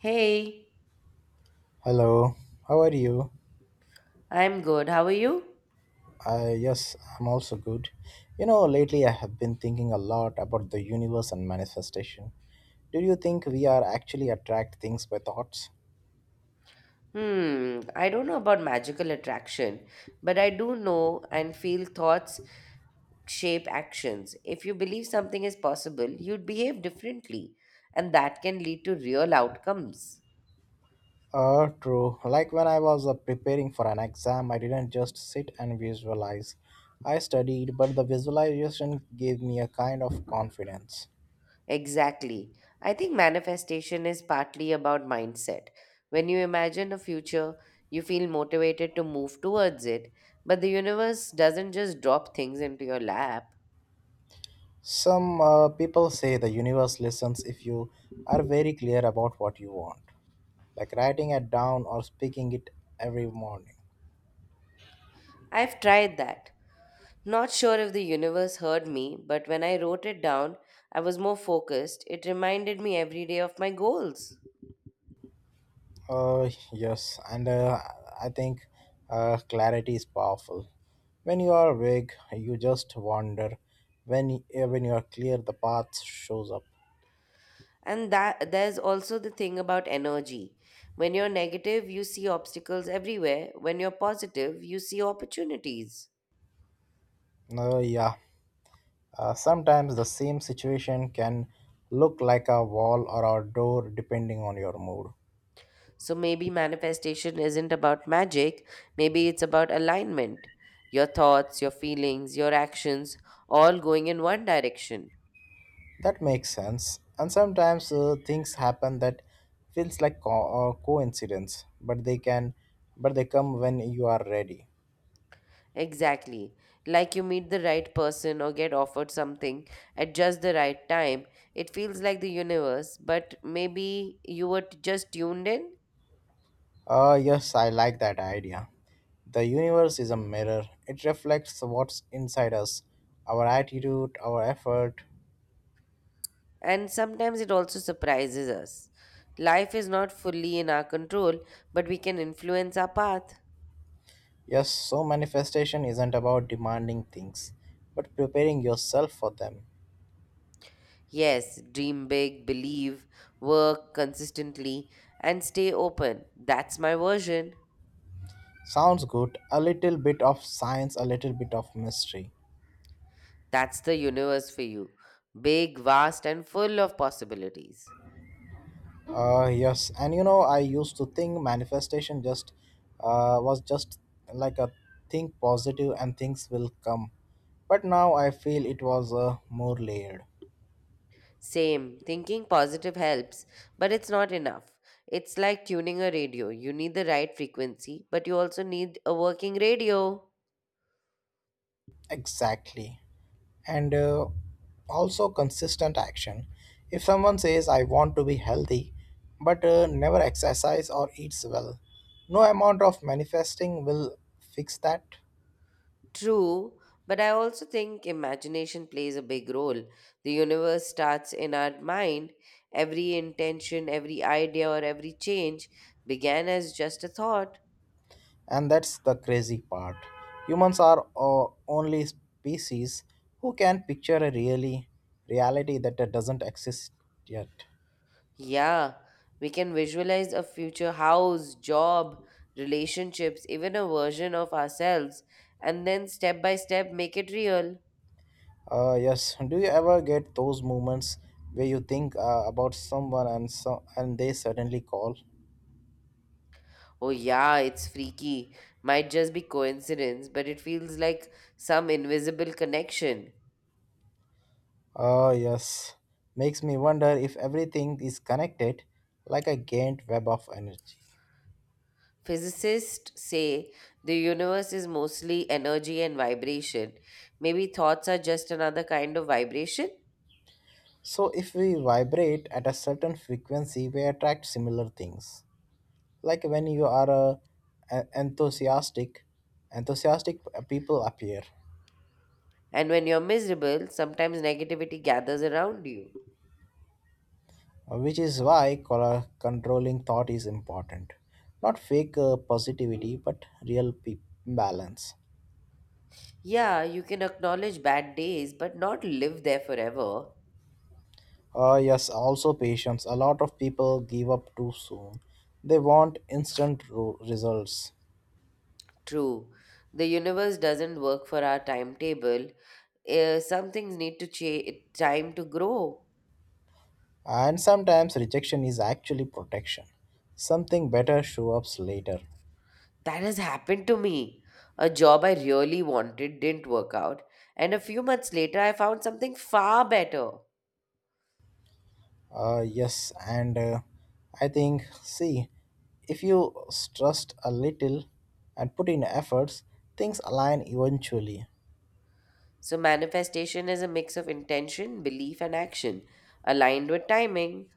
Hey, Hello, how are you? I'm good. How are you? Yes, I'm also good. You know, lately I have been thinking a lot about the universe and manifestation. Do you think we are actually attract things by thoughts? Hmm, I don't know about magical attraction, but I do know and feel thoughts shape actions. If you believe something is possible, you'd behave differently, and that can lead to real outcomes. True. Like when I was preparing for an exam, I didn't just sit and visualize. I studied, but the visualization gave me a kind of confidence. Exactly. I think manifestation is partly about mindset. When you imagine a future, you feel motivated to move towards it, but the universe doesn't just drop things into your lap. Some people say the universe listens if you are very clear about what you want. Like writing it down or speaking it every morning. I've tried that. Not sure if the universe heard me, but when I wrote it down, I was more focused. It reminded me every day of my goals. Yes, and I think clarity is powerful. When you are vague, you just wander. When you are clear, the path shows up. And that there's also the thing about energy. When you're negative, you see obstacles everywhere. When you're positive, you see opportunities. Yeah, sometimes the same situation can look like a wall or a door depending on your mood. So maybe manifestation isn't about magic, maybe it's about alignment. Your thoughts, your feelings, your actions all going in one direction. That makes sense. And sometimes things happen that feels like coincidence, but they come when you are ready. Exactly. Like you meet the right person or get offered something at just the right time. It feels like the universe, but maybe you were just tuned in, Yes, I like that idea. The universe is a mirror. It reflects what's inside us, our attitude, our effort. and sometimes it also surprises us. Life is not fully in our control, but we can influence our path. Yes, so manifestation isn't about demanding things, but preparing yourself for them. Yes, dream big, believe, work consistently, and stay open. That's my version. Sounds good. A little bit of science, a little bit of mystery. That's the universe for you. Big, vast, and full of possibilities. Yes, and you know, I used to think manifestation just was just like a think positive and things will come, but now I feel it was more layered. Same. Thinking positive helps, but it's not enough. It's like tuning a radio. You need the right frequency, but you also need a working radio. Exactly, and also consistent action. If someone says I want to be healthy, but never exercise or eats well, no amount of manifesting will fix that. True, but I also think imagination plays a big role. The universe starts in our mind. Every intention, every idea, or every change began as just a thought. And that's the crazy part. Humans are only species who can picture a really reality that doesn't exist yet. Yeah, we can visualize a future house, job, relationships, even a version of ourselves, and then step by step make it real. Yes. Do you ever get those moments where you think about someone and so and they suddenly call? Oh, yeah, it's freaky. Might just be coincidence, but it feels like some invisible connection. Ah, yes. Makes me wonder if everything is connected like a giant web of energy. Physicists say the universe is mostly energy and vibration. Maybe thoughts are just another kind of vibration. So, if we vibrate at a certain frequency, we attract similar things. Like when you are en- enthusiastic enthusiastic people appear, And when you're miserable, sometimes negativity gathers around you. which is why controlling thought is important, not fake positivity but real balance. Yeah, you can acknowledge bad days, but not live there forever. Yes, also patience. A lot of people give up too soon. They want instant results. True. The universe doesn't work for our timetable. Some things need to change, time to grow. And sometimes rejection is actually protection. Something better shows up later. That has happened to me. A job I really wanted didn't work out, and a few months later, I found something far better. Yes, and I think, see, if you trust a little and put in efforts, things align eventually. So, manifestation is a mix of intention, belief, and action, aligned with timing.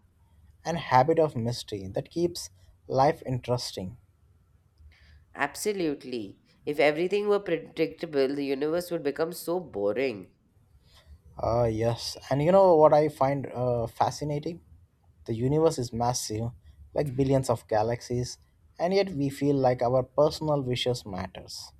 And habit of mystery that keeps life interesting. Absolutely. If everything were predictable, the universe would become so boring. Yes, and you know what I find fascinating? The universe is massive, like billions of galaxies, and yet we feel like our personal wishes matters.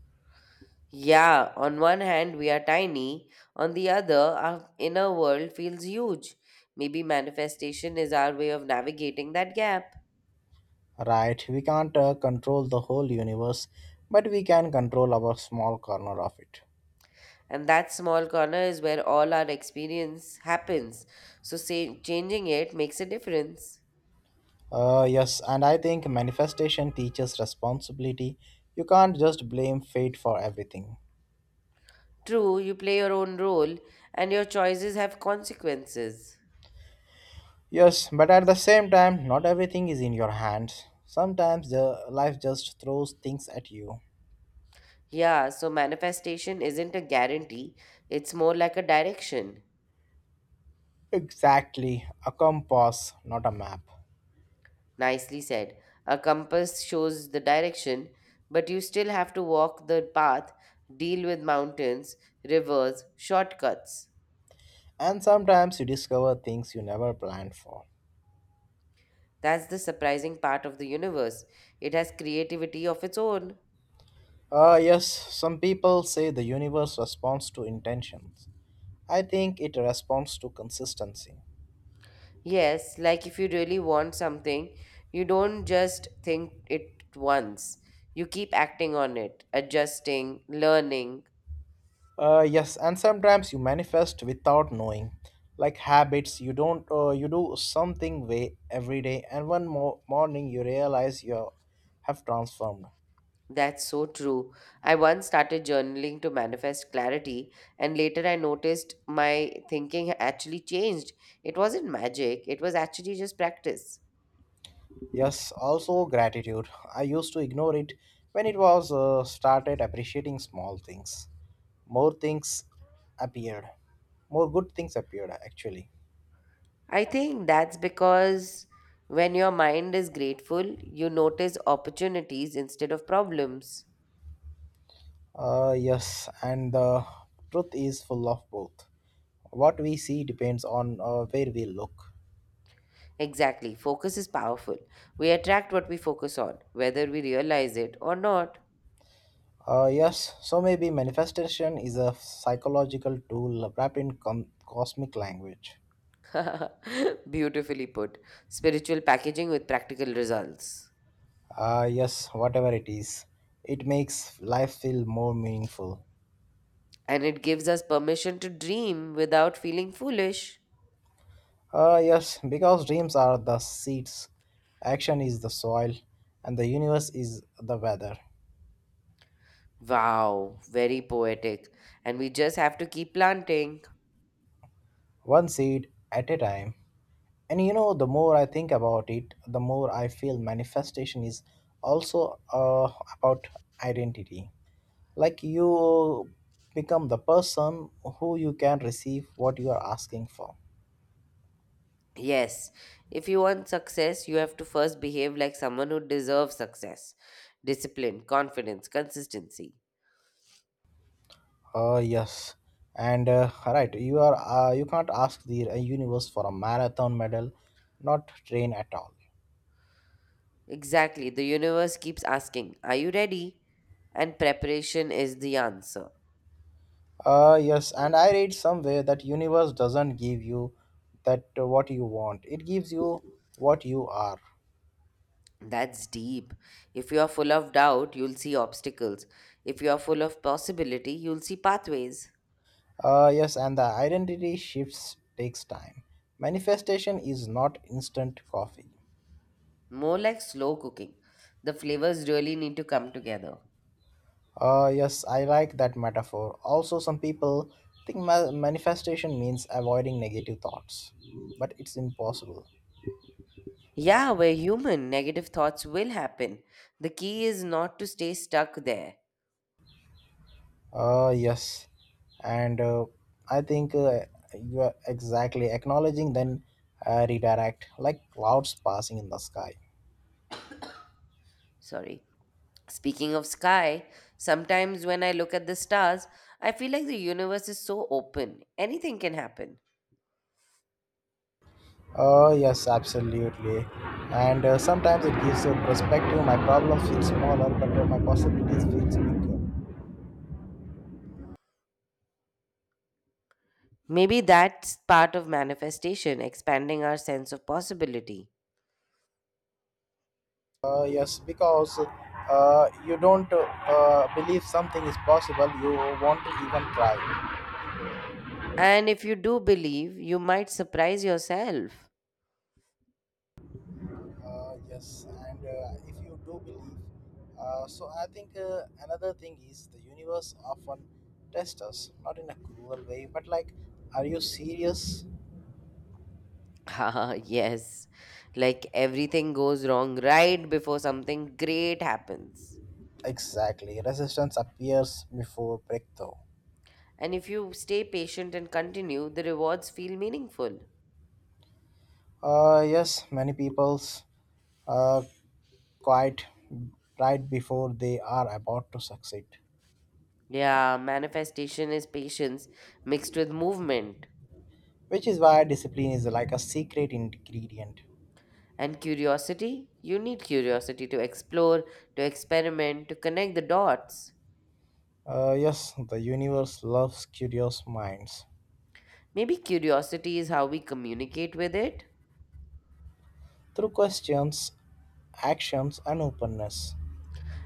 Yeah, on one hand, we are tiny, on the other, our inner world feels huge. Maybe manifestation is our way of navigating that gap. Right, we can't control the whole universe, but we can control our small corner of it. And that small corner is where all our experience happens. So, say, changing it makes a difference. Yes, and I think manifestation teaches responsibility. You can't just blame fate for everything. True, you play your own role, and your choices have consequences. Yes, but at the same time, not everything is in your hands. Sometimes the life just throws things at you. Yeah, so manifestation isn't a guarantee, it's more like a direction. Exactly, a compass, not a map. Nicely said. A compass shows the direction, but you still have to walk the path, deal with mountains, rivers, shortcuts. And sometimes you discover things you never planned for. That's the surprising part of the universe. It has creativity of its own. Ah, yes, some people say the universe responds to intentions. I think it responds to consistency. Yes, like if you really want something, you don't just think it once. You keep acting on it, adjusting, learning. Yes, and sometimes you manifest without knowing, like habits. You don't. You do something way every day, and one morning you realize you have transformed. That's so true. I once started journaling to manifest clarity, and later I noticed my thinking actually changed. It wasn't magic, it was actually just practice. Yes, also gratitude. I used to ignore it when it was started appreciating small things. More things appeared. More good things appeared actually. I think that's because when your mind is grateful, you notice opportunities instead of problems. Yes, and the truth is full of both. What we see depends on where we look. Exactly, focus is powerful. We attract what we focus on, whether we realize it or not. Yes, so maybe manifestation is a psychological tool wrapped in cosmic language. Beautifully put. Spiritual packaging with practical results. Yes, whatever it is, it makes life feel more meaningful. And it gives us permission to dream without feeling foolish. Yes, because dreams are the seeds, action is the soil, and the universe is the weather. Wow, very poetic. And we just have to keep planting. One seed at a time. And you know, the more I think about it, the more I feel manifestation is also about identity. Like you become the person who you can receive what you are asking for. Yes, if you want success, you have to first behave like someone who deserves success: discipline, confidence, consistency. Yes, and right you are you can't ask the universe for a marathon medal, not train at all. Exactly, the universe keeps asking, "Are you ready?" And preparation is the answer. Yes and I read somewhere that universe doesn't give you that what you want, it gives you what you are. That's deep. If you are full of doubt, you'll see obstacles. If you are full of possibility, you'll see pathways. Yes and the identity shifts takes time. Manifestation is not instant coffee. More like slow cooking. The flavors really need to come together. Yes, I like that metaphor. Also, some people think manifestation means avoiding negative thoughts, but it's impossible. Yeah, we're human. Negative thoughts will happen. The key is not to stay stuck there. Yes, and I think you are exactly acknowledging, then redirect, like clouds passing in the sky. Sorry. Speaking of sky, sometimes when I look at the stars, I feel like the universe is so open. Anything can happen. Oh, yes, absolutely. And sometimes it gives a perspective. My problem feels smaller, but my possibilities feels bigger. Maybe that's part of manifestation, expanding our sense of possibility. Yes, because you don't believe something is possible, you won't even try. And if you do believe, you might surprise yourself. Yes, and if you do believe, so I think another thing is the universe often tests us, not in a cruel way, but like, are you serious? Ah, yes. Like everything goes wrong right before something great happens. Exactly, resistance appears before breakthrough. And if you stay patient and continue, the rewards feel meaningful. Yes, many people's uh, quite right before they are about to succeed. Yeah, manifestation is patience mixed with movement. Which is why discipline is like a secret ingredient. And curiosity? You need curiosity to explore, to experiment, to connect the dots. Yes, the universe loves curious minds Maybe curiosity is how we communicate with it. through questions, actions, and openness.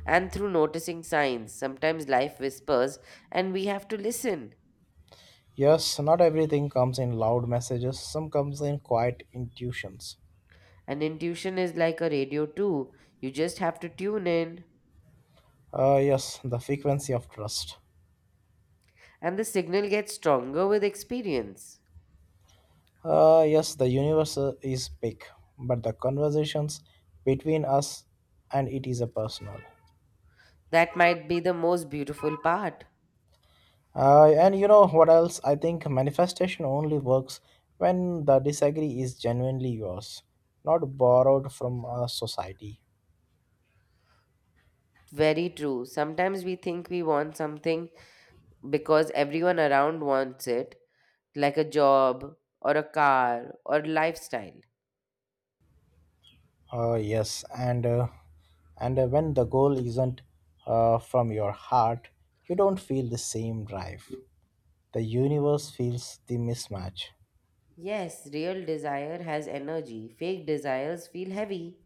And through noticing signs, sometimes life whispers and we have to listen. Yes, not everything comes in loud messages, some comes in quiet intuitions. And intuition is like a radio too. You just have to tune in, Yes, the frequency of trust. and the signal gets stronger with experience. Yes, the universe is big, but the conversations between us and it is a personal. That might be the most beautiful part. And you know what else? I think manifestation only works when the disagree is genuinely yours, not borrowed from a society. Very true. Sometimes we think we want something because everyone around wants it, like a job or a car or lifestyle. Yes, and when the goal isn't from your heart, you don't feel the same drive. The universe feels the mismatch. Yes, real desire has energy. Fake desires feel heavy.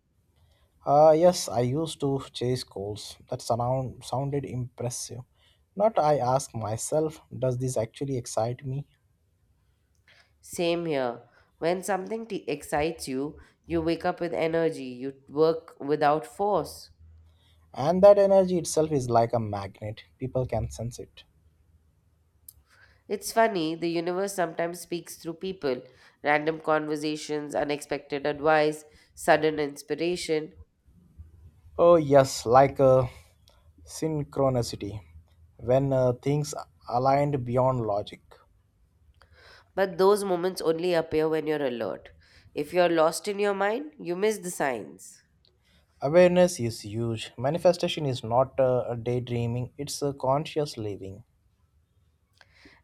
Yes, I used to chase goals that sounded impressive. Not I ask myself, does this actually excite me? Same here. When something excites you, you wake up with energy, you work without force. And that energy itself is like a magnet. People can sense it. It's funny, the universe sometimes speaks through people, random conversations, unexpected advice, sudden inspiration. Oh, yes, like a synchronicity. When things aligned beyond logic. But those moments only appear when you're alert. If you're lost in your mind, you miss the signs. Awareness is huge. Manifestation is not a daydreaming, it's a conscious living.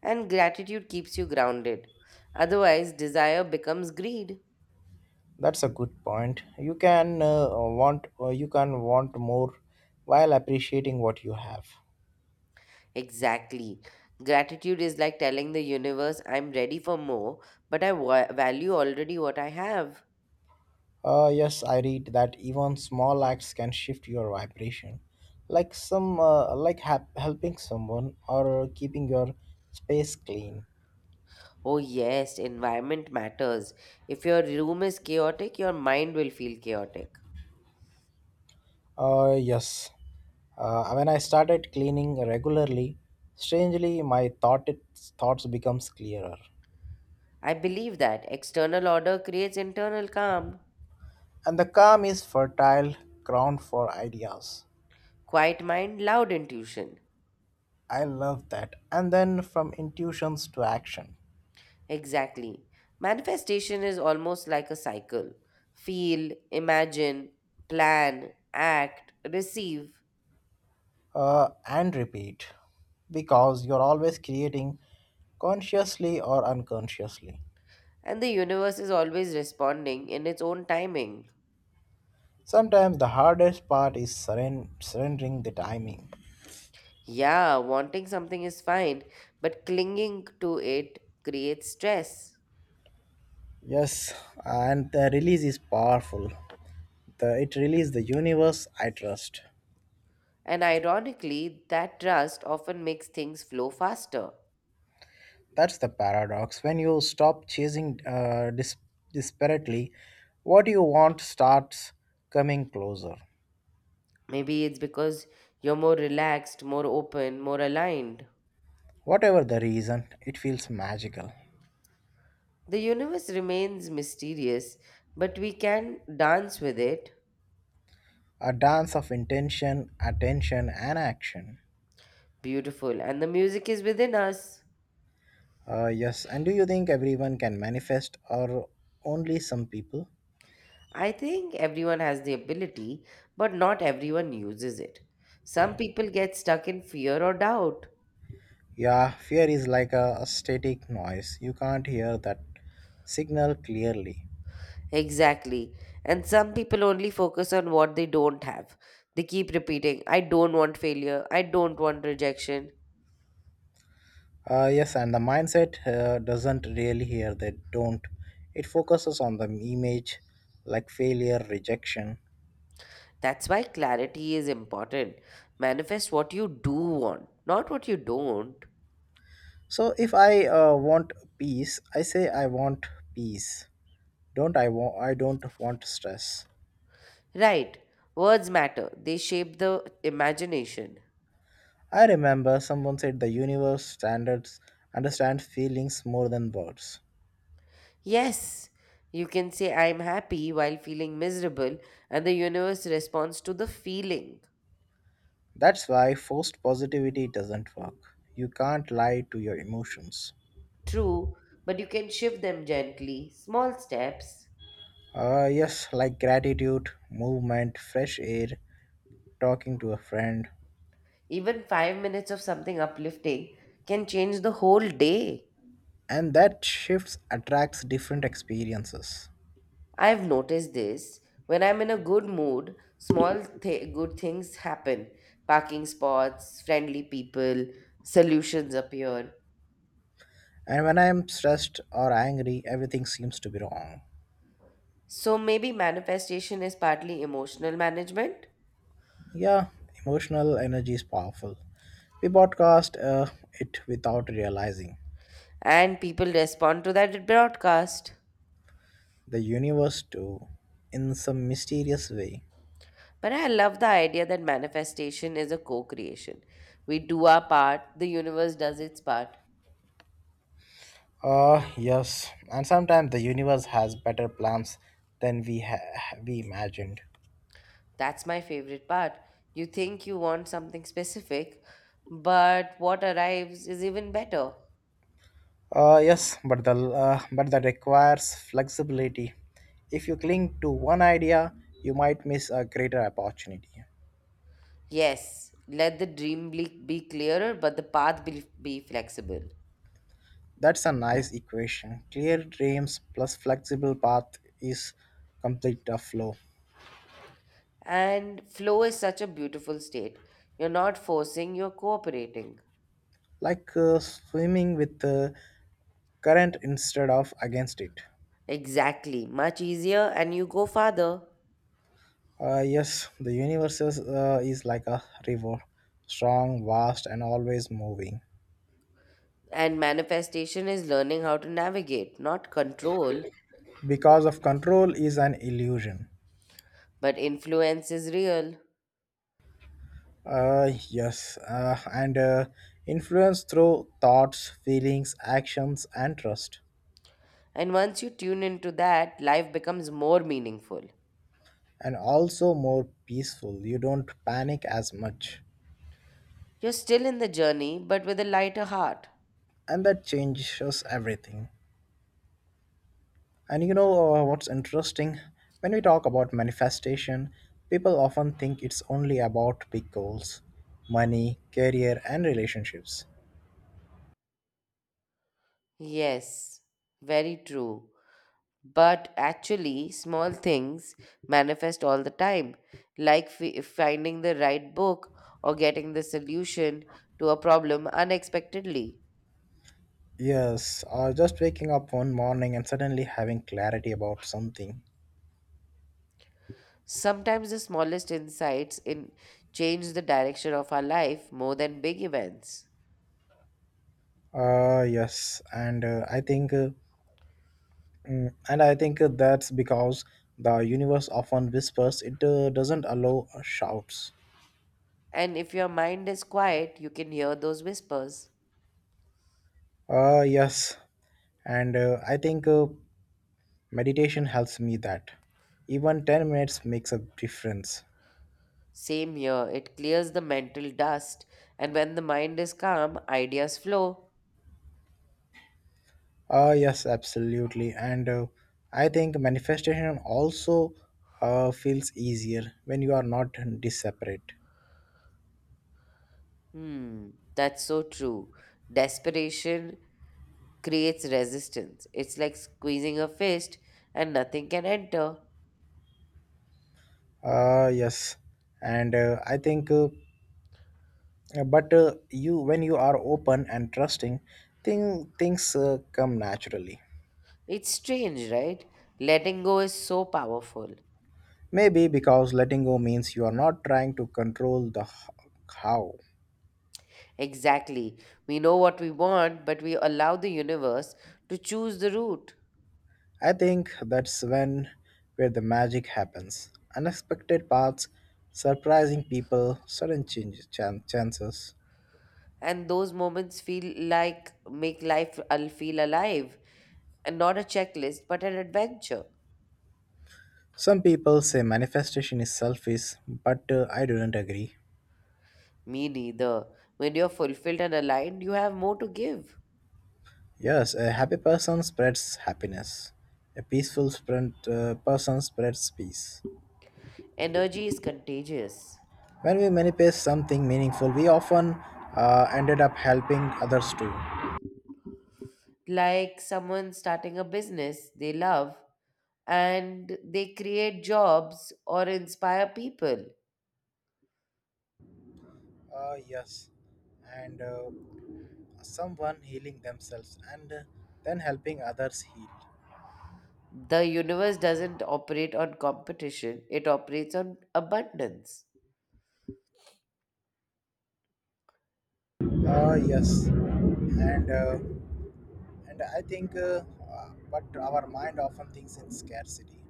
And gratitude keeps you grounded. Otherwise, desire becomes greed. That's a good point. You can want you can want more while appreciating what you have. Exactly. Gratitude is like telling the universe, I'm ready for more, but I value already what I have. Yes, I read that even small acts can shift your vibration, like some like helping someone or keeping your space clean. Oh, yes, environment matters. If your room is chaotic, your mind will feel chaotic. Yes, when I started cleaning regularly, strangely my thoughts becomes clearer, I believe that external order creates internal calm. and the calm is fertile ground for ideas. Quiet mind, loud intuition. I love that, and then from intuitions to action. Exactly. Manifestation is almost like a cycle: feel, imagine, plan, act, receive. And repeat because you're always creating consciously or unconsciously. And the universe is always responding in its own timing. Sometimes the hardest part is surrendering the timing. Yeah, wanting something is fine, but clinging to it creates stress. Yes, and the release is powerful. It releases the universe I trust. And ironically, that trust often makes things flow faster. That's the paradox. When you stop chasing disparately, what you want starts coming closer. Maybe it's because you're more relaxed, more open, more aligned. Whatever the reason, it feels magical. The universe remains mysterious, but we can dance with it. A dance of intention, attention, and action. Beautiful. And the music is within us. Yes, and do you think everyone can manifest or only some people? I think everyone has the ability, but not everyone uses it. Some people get stuck in fear or doubt. Yeah, fear is like a static noise. You can't hear that signal clearly. Exactly. And some people only focus on what they don't have. They keep repeating, "I don't want failure. I don't want rejection." Yes, and the mindset doesn't really hear that don't. It focuses on the image like failure, rejection. That's why clarity is important. Manifest what you do want, not what you don't. So if I want peace, I say I want peace. Don't I want I don't want stress. Right. Words matter, they shape the imagination. I remember someone said the universe standards understand feelings more than words. Yes, you can say, "I'm happy" while feeling miserable, and the universe responds to the feeling. That's why forced positivity doesn't work. You can't lie to your emotions. True, but you can shift them gently, small steps. Yes, like gratitude, movement, fresh air, talking to a friend. Even 5 minutes of something uplifting can change the whole day. And that shifts attracts different experiences. I've noticed this. When I'm in a good mood, small good things happen: parking spots, friendly people, solutions appear. And when I am stressed or angry, everything seems to be wrong. So maybe manifestation is partly emotional management, Yeah, emotional energy is powerful. We broadcast it without realizing. and people respond to that broadcast. The universe too, in some mysterious way. But I love the idea that manifestation is a co creation. We do our part, the universe does its part. Ah, yes, and sometimes the universe has better plans than we imagined. That's my favorite part. You think you want something specific, but what arrives is even better. Yes, but that requires flexibility. If you cling to one idea, you might miss a greater opportunity. Yes, let the dream be clearer, but the path be flexible. That's a nice equation. Clear dreams plus flexible path is complete a flow, And flow is such a beautiful state. You're not forcing, you're cooperating. like swimming with the current instead of against it. Exactly. Much easier, and you go farther. Yes, the universe is like a river, strong, vast, and always moving. And manifestation is learning how to navigate, not control, Because of control is an illusion. but influence is real. Yes, and influence through thoughts, feelings, actions, and trust. And once you tune into that, life becomes more meaningful. And also more peaceful. You don't panic as much. You're still in the journey, but with a lighter heart. And that changes everything. And you know what's interesting? When we talk about manifestation, people often think it's only about big goals, money, career, and relationships. Yes, very true. But actually, small things manifest all the time, like finding the right book or getting the solution to a problem unexpectedly. Yes, just waking up one morning and suddenly having clarity about something. Sometimes the smallest insights in change the direction of our life more than big events. Yes, and I think, mm, and I think that's because the universe often whispers; it doesn't allow shouts. And if your mind is quiet, you can hear those whispers. Yes, and I think meditation helps me that. Even 10 minutes makes a difference. Same here, it clears the mental dust, and when the mind is calm, ideas flow. Ah, yes, absolutely. And I think manifestation also feels easier when you are not disseparate. Hmm, that's so true. Desperation creates resistance. It's like squeezing a fist and nothing can enter. Ah, yes. And I think, but you when you are open and trusting, things come naturally. It's strange, right? Letting go is so powerful. Maybe because letting go means you are not trying to control the how. Exactly. We know what we want, but we allow the universe to choose the route. I think that's when where the magic happens. Unexpected paths, surprising people, sudden changes, chances. And those moments feel like make life al- feel alive and not a checklist, but an adventure. Some people say manifestation is selfish, but I don't agree. Me neither. When you're fulfilled and aligned, you have more to give. Yes, a happy person spreads happiness. A person spreads peace. Energy is contagious. When we manifest something meaningful, we often ended up helping others too. Like someone starting a business they love and they create jobs or inspire people. Yes, and someone healing themselves and then helping others heal. The universe doesn't operate on competition, it operates on abundance. Uh, yes and uh, and I think But our mind often thinks in scarcity: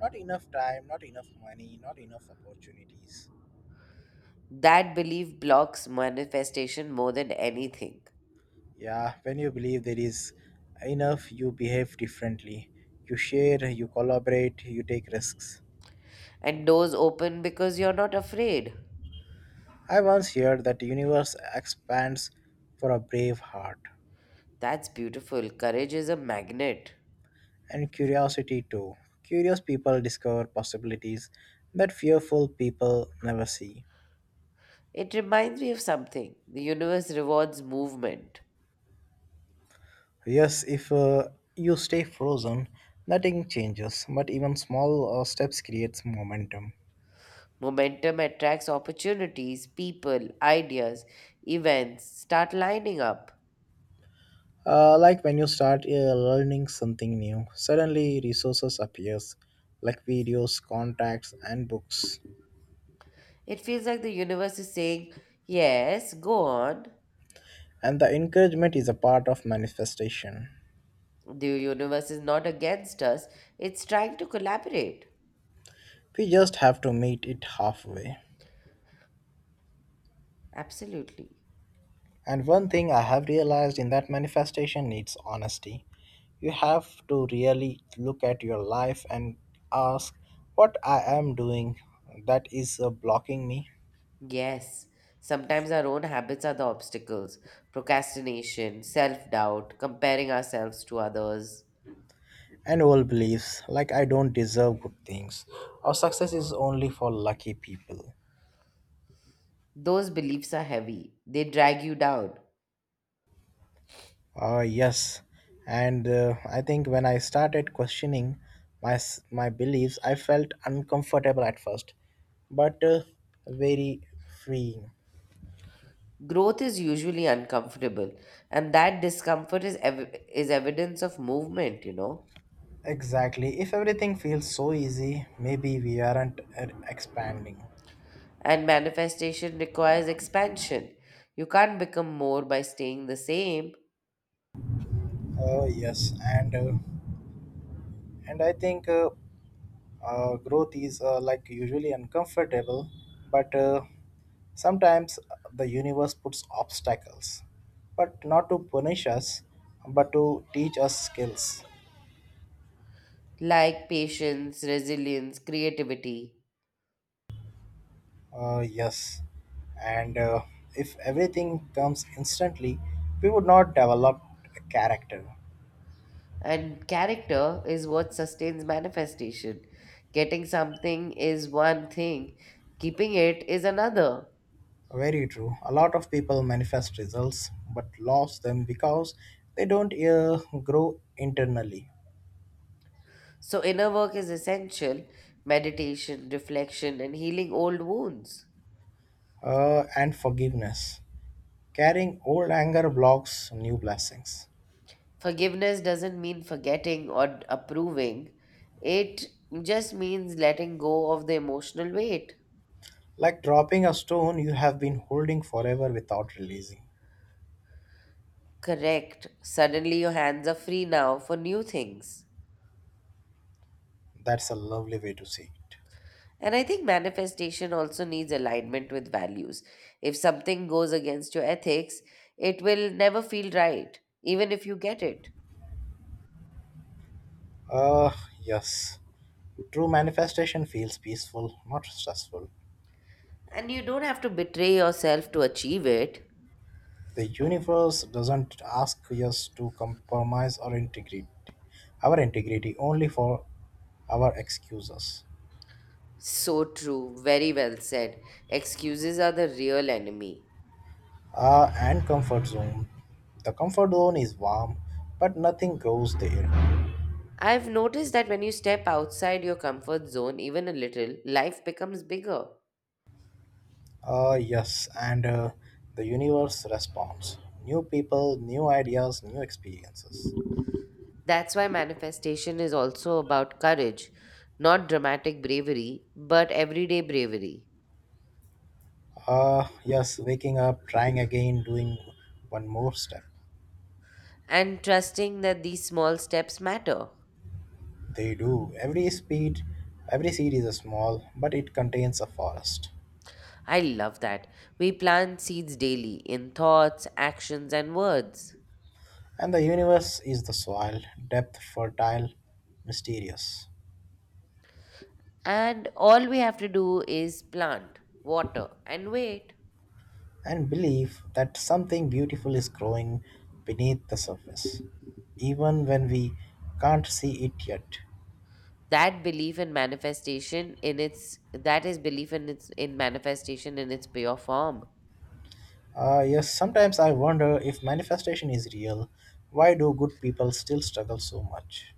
not enough time, not enough money, not enough opportunities. That belief blocks manifestation more than anything. Yeah, when you believe there is enough, you behave differently. You share, you collaborate, you take risks. And doors open because you're not afraid. I once heard that the universe expands for a brave heart. That's beautiful. Courage is a magnet. And curiosity too. Curious people discover possibilities that fearful people never see. It reminds me of something. The universe rewards movement. Yes, if you stay frozen, nothing changes, but even small steps creates momentum. Momentum attracts opportunities, people, ideas, events start lining up. Like when you start learning something new, suddenly resources appears, like videos, contacts and books. It feels like the universe is saying, "Yes, go on." And the encouragement is a part of manifestation. The universe is not against us, it's trying to collaborate. We just have to meet it halfway. Absolutely. And one thing I have realized in that manifestation needs honesty. You have to really look at your life and ask, what I am doing that is blocking me? Yes. Sometimes our own habits are the obstacles: procrastination, self doubt, comparing ourselves to others. And old beliefs like, I don't deserve good things, or success is only for lucky people. Those beliefs are heavy, they drag you down. Yes, and I think when I started questioning my beliefs, I felt uncomfortable at first, but very freeing. Growth is usually uncomfortable, and that discomfort is evidence of movement, you know. Exactly. If everything feels so easy, maybe we aren't expanding. And manifestation requires expansion. You can't become more by staying the same, Yes, and I think Growth is like usually uncomfortable, but sometimes the universe puts obstacles, but not to punish us, but to teach us skills. like patience, resilience, creativity. Yes, and If everything comes instantly, we would not develop a character. And character is what sustains manifestation. Getting something is one thing, keeping it is another. Very true. A lot of people manifest results but lose them because they don't grow internally. So, inner work is essential: meditation, reflection, and healing old wounds. And forgiveness. Carrying old anger blocks new blessings. Forgiveness doesn't mean forgetting or approving, it just means letting go of the emotional weight. Like dropping a stone you have been holding forever without releasing. Correct. Suddenly, your hands are free now for new things. That's a lovely way to see it. And I think manifestation also needs alignment with values. If something goes against your ethics, it will never feel right, even if you get it. Uh, yes. True manifestation feels peaceful, not stressful. And you don't have to betray yourself to achieve it. The universe doesn't ask us to compromise our integrity only for our excuses. So true. Very well said. Excuses are the real enemy. Ah, and comfort zone. The comfort zone is warm, but nothing grows there. I've noticed that when you step outside your comfort zone, even a little, life becomes bigger. Ah, yes, and the universe responds. New people, new ideas, new experiences. That's why manifestation is also about courage, not dramatic bravery, but everyday bravery, Ah, yes, waking up, trying again, doing one more step. and trusting that these small steps matter. They do. Every speed, every seed is a small, but it contains a forest. I love that. We plant seeds daily in thoughts, actions, and words. And the universe is the soil, depth, fertile, mysterious. And all we have to do is plant, water, and wait. And believe that something beautiful is growing beneath the surface, even when we can't see it yet. That is belief in manifestation in its pure form. Ah, yes, sometimes I wonder if manifestation is real. Why do good people still struggle so much?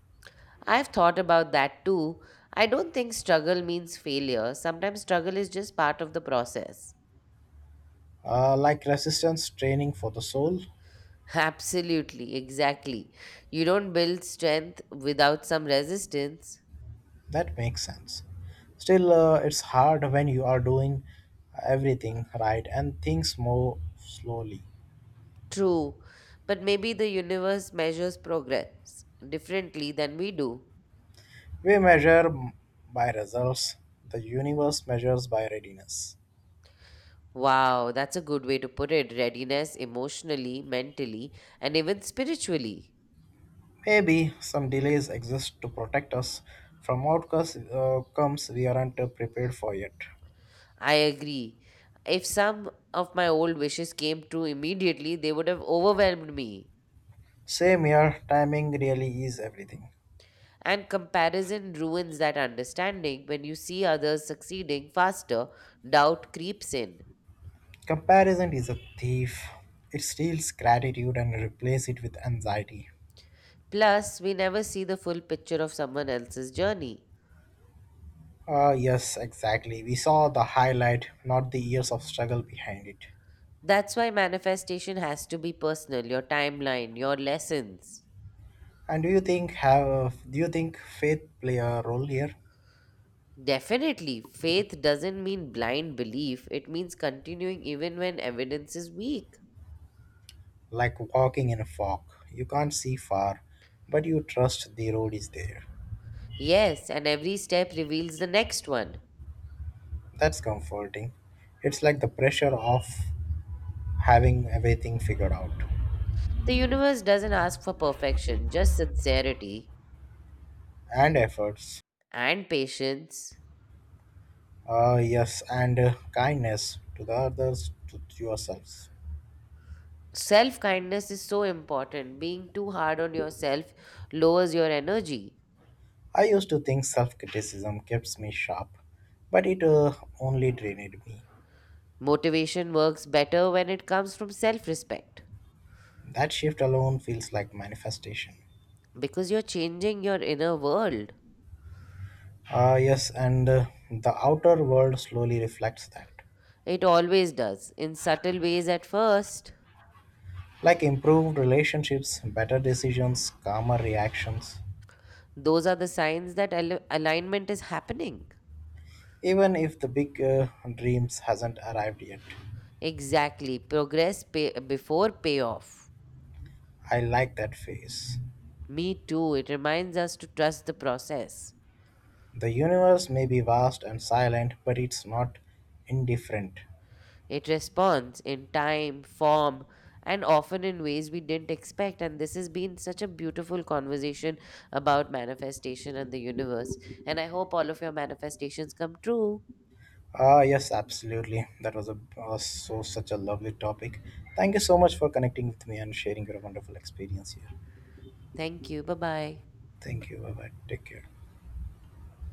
I've thought about that too. I don't think struggle means failure, sometimes struggle is just part of the process. Like resistance training for the soul? Absolutely, exactly. You don't build strength without some resistance. That makes sense. Still, it's hard when you are doing everything right and things move slowly. True, but maybe the universe measures progress differently than we do. We measure by results, the universe measures by readiness. Wow, that's a good way to put it, readiness emotionally, mentally, and even spiritually. Maybe some delays exist to protect us from outcomes comes we aren't prepared for yet. I agree. If some of my old wishes came true immediately, they would have overwhelmed me. Same here, timing really is everything. And comparison ruins that understanding. When you see others succeeding faster, doubt creeps in. Comparison is a thief. It steals gratitude and replaces it with anxiety. Plus, we never see the full picture of someone else's journey. Ah, yes, exactly. We saw the highlight, not the years of struggle behind it. That's why manifestation has to be personal, your timeline, your lessons. And do you think faith play a role here? Definitely, faith doesn't mean blind belief, it means continuing even when evidence is weak. Like walking in a fog. You can't see far, but you trust the road is there. Yes, and every step reveals the next one. That's comforting. It's like the pressure of having everything figured out The universe doesn't ask for perfection, just sincerity and efforts. and patience. Yes, and kindness to the others, to yourselves. Self kindness is so important. Being too hard on yourself lowers your energy. I used to think self criticism keeps me sharp, but it only drained me. Motivation works better when it comes from self respect That shift alone feels like manifestation. because you're changing your inner world. Ah, yes, and the outer world slowly reflects that. It always does, in subtle ways at first. Like improved relationships, better decisions, calmer reactions, Those are the signs that alignment is happening. even if the big dreams hasn't arrived yet. Exactly. Progress before payoff. I like that phase. Me too. It reminds us to trust the process. The universe may be vast and silent, but it's not indifferent. It responds in time, form, and often in ways we didn't expect. And this has been such a beautiful conversation about manifestation and the universe. And I hope all of your manifestations come true. Ah, yes, absolutely. That was so such a lovely topic. Thank you so much for connecting with me and sharing your wonderful experience here. Thank you. Bye bye. Thank you. Bye bye. Take care.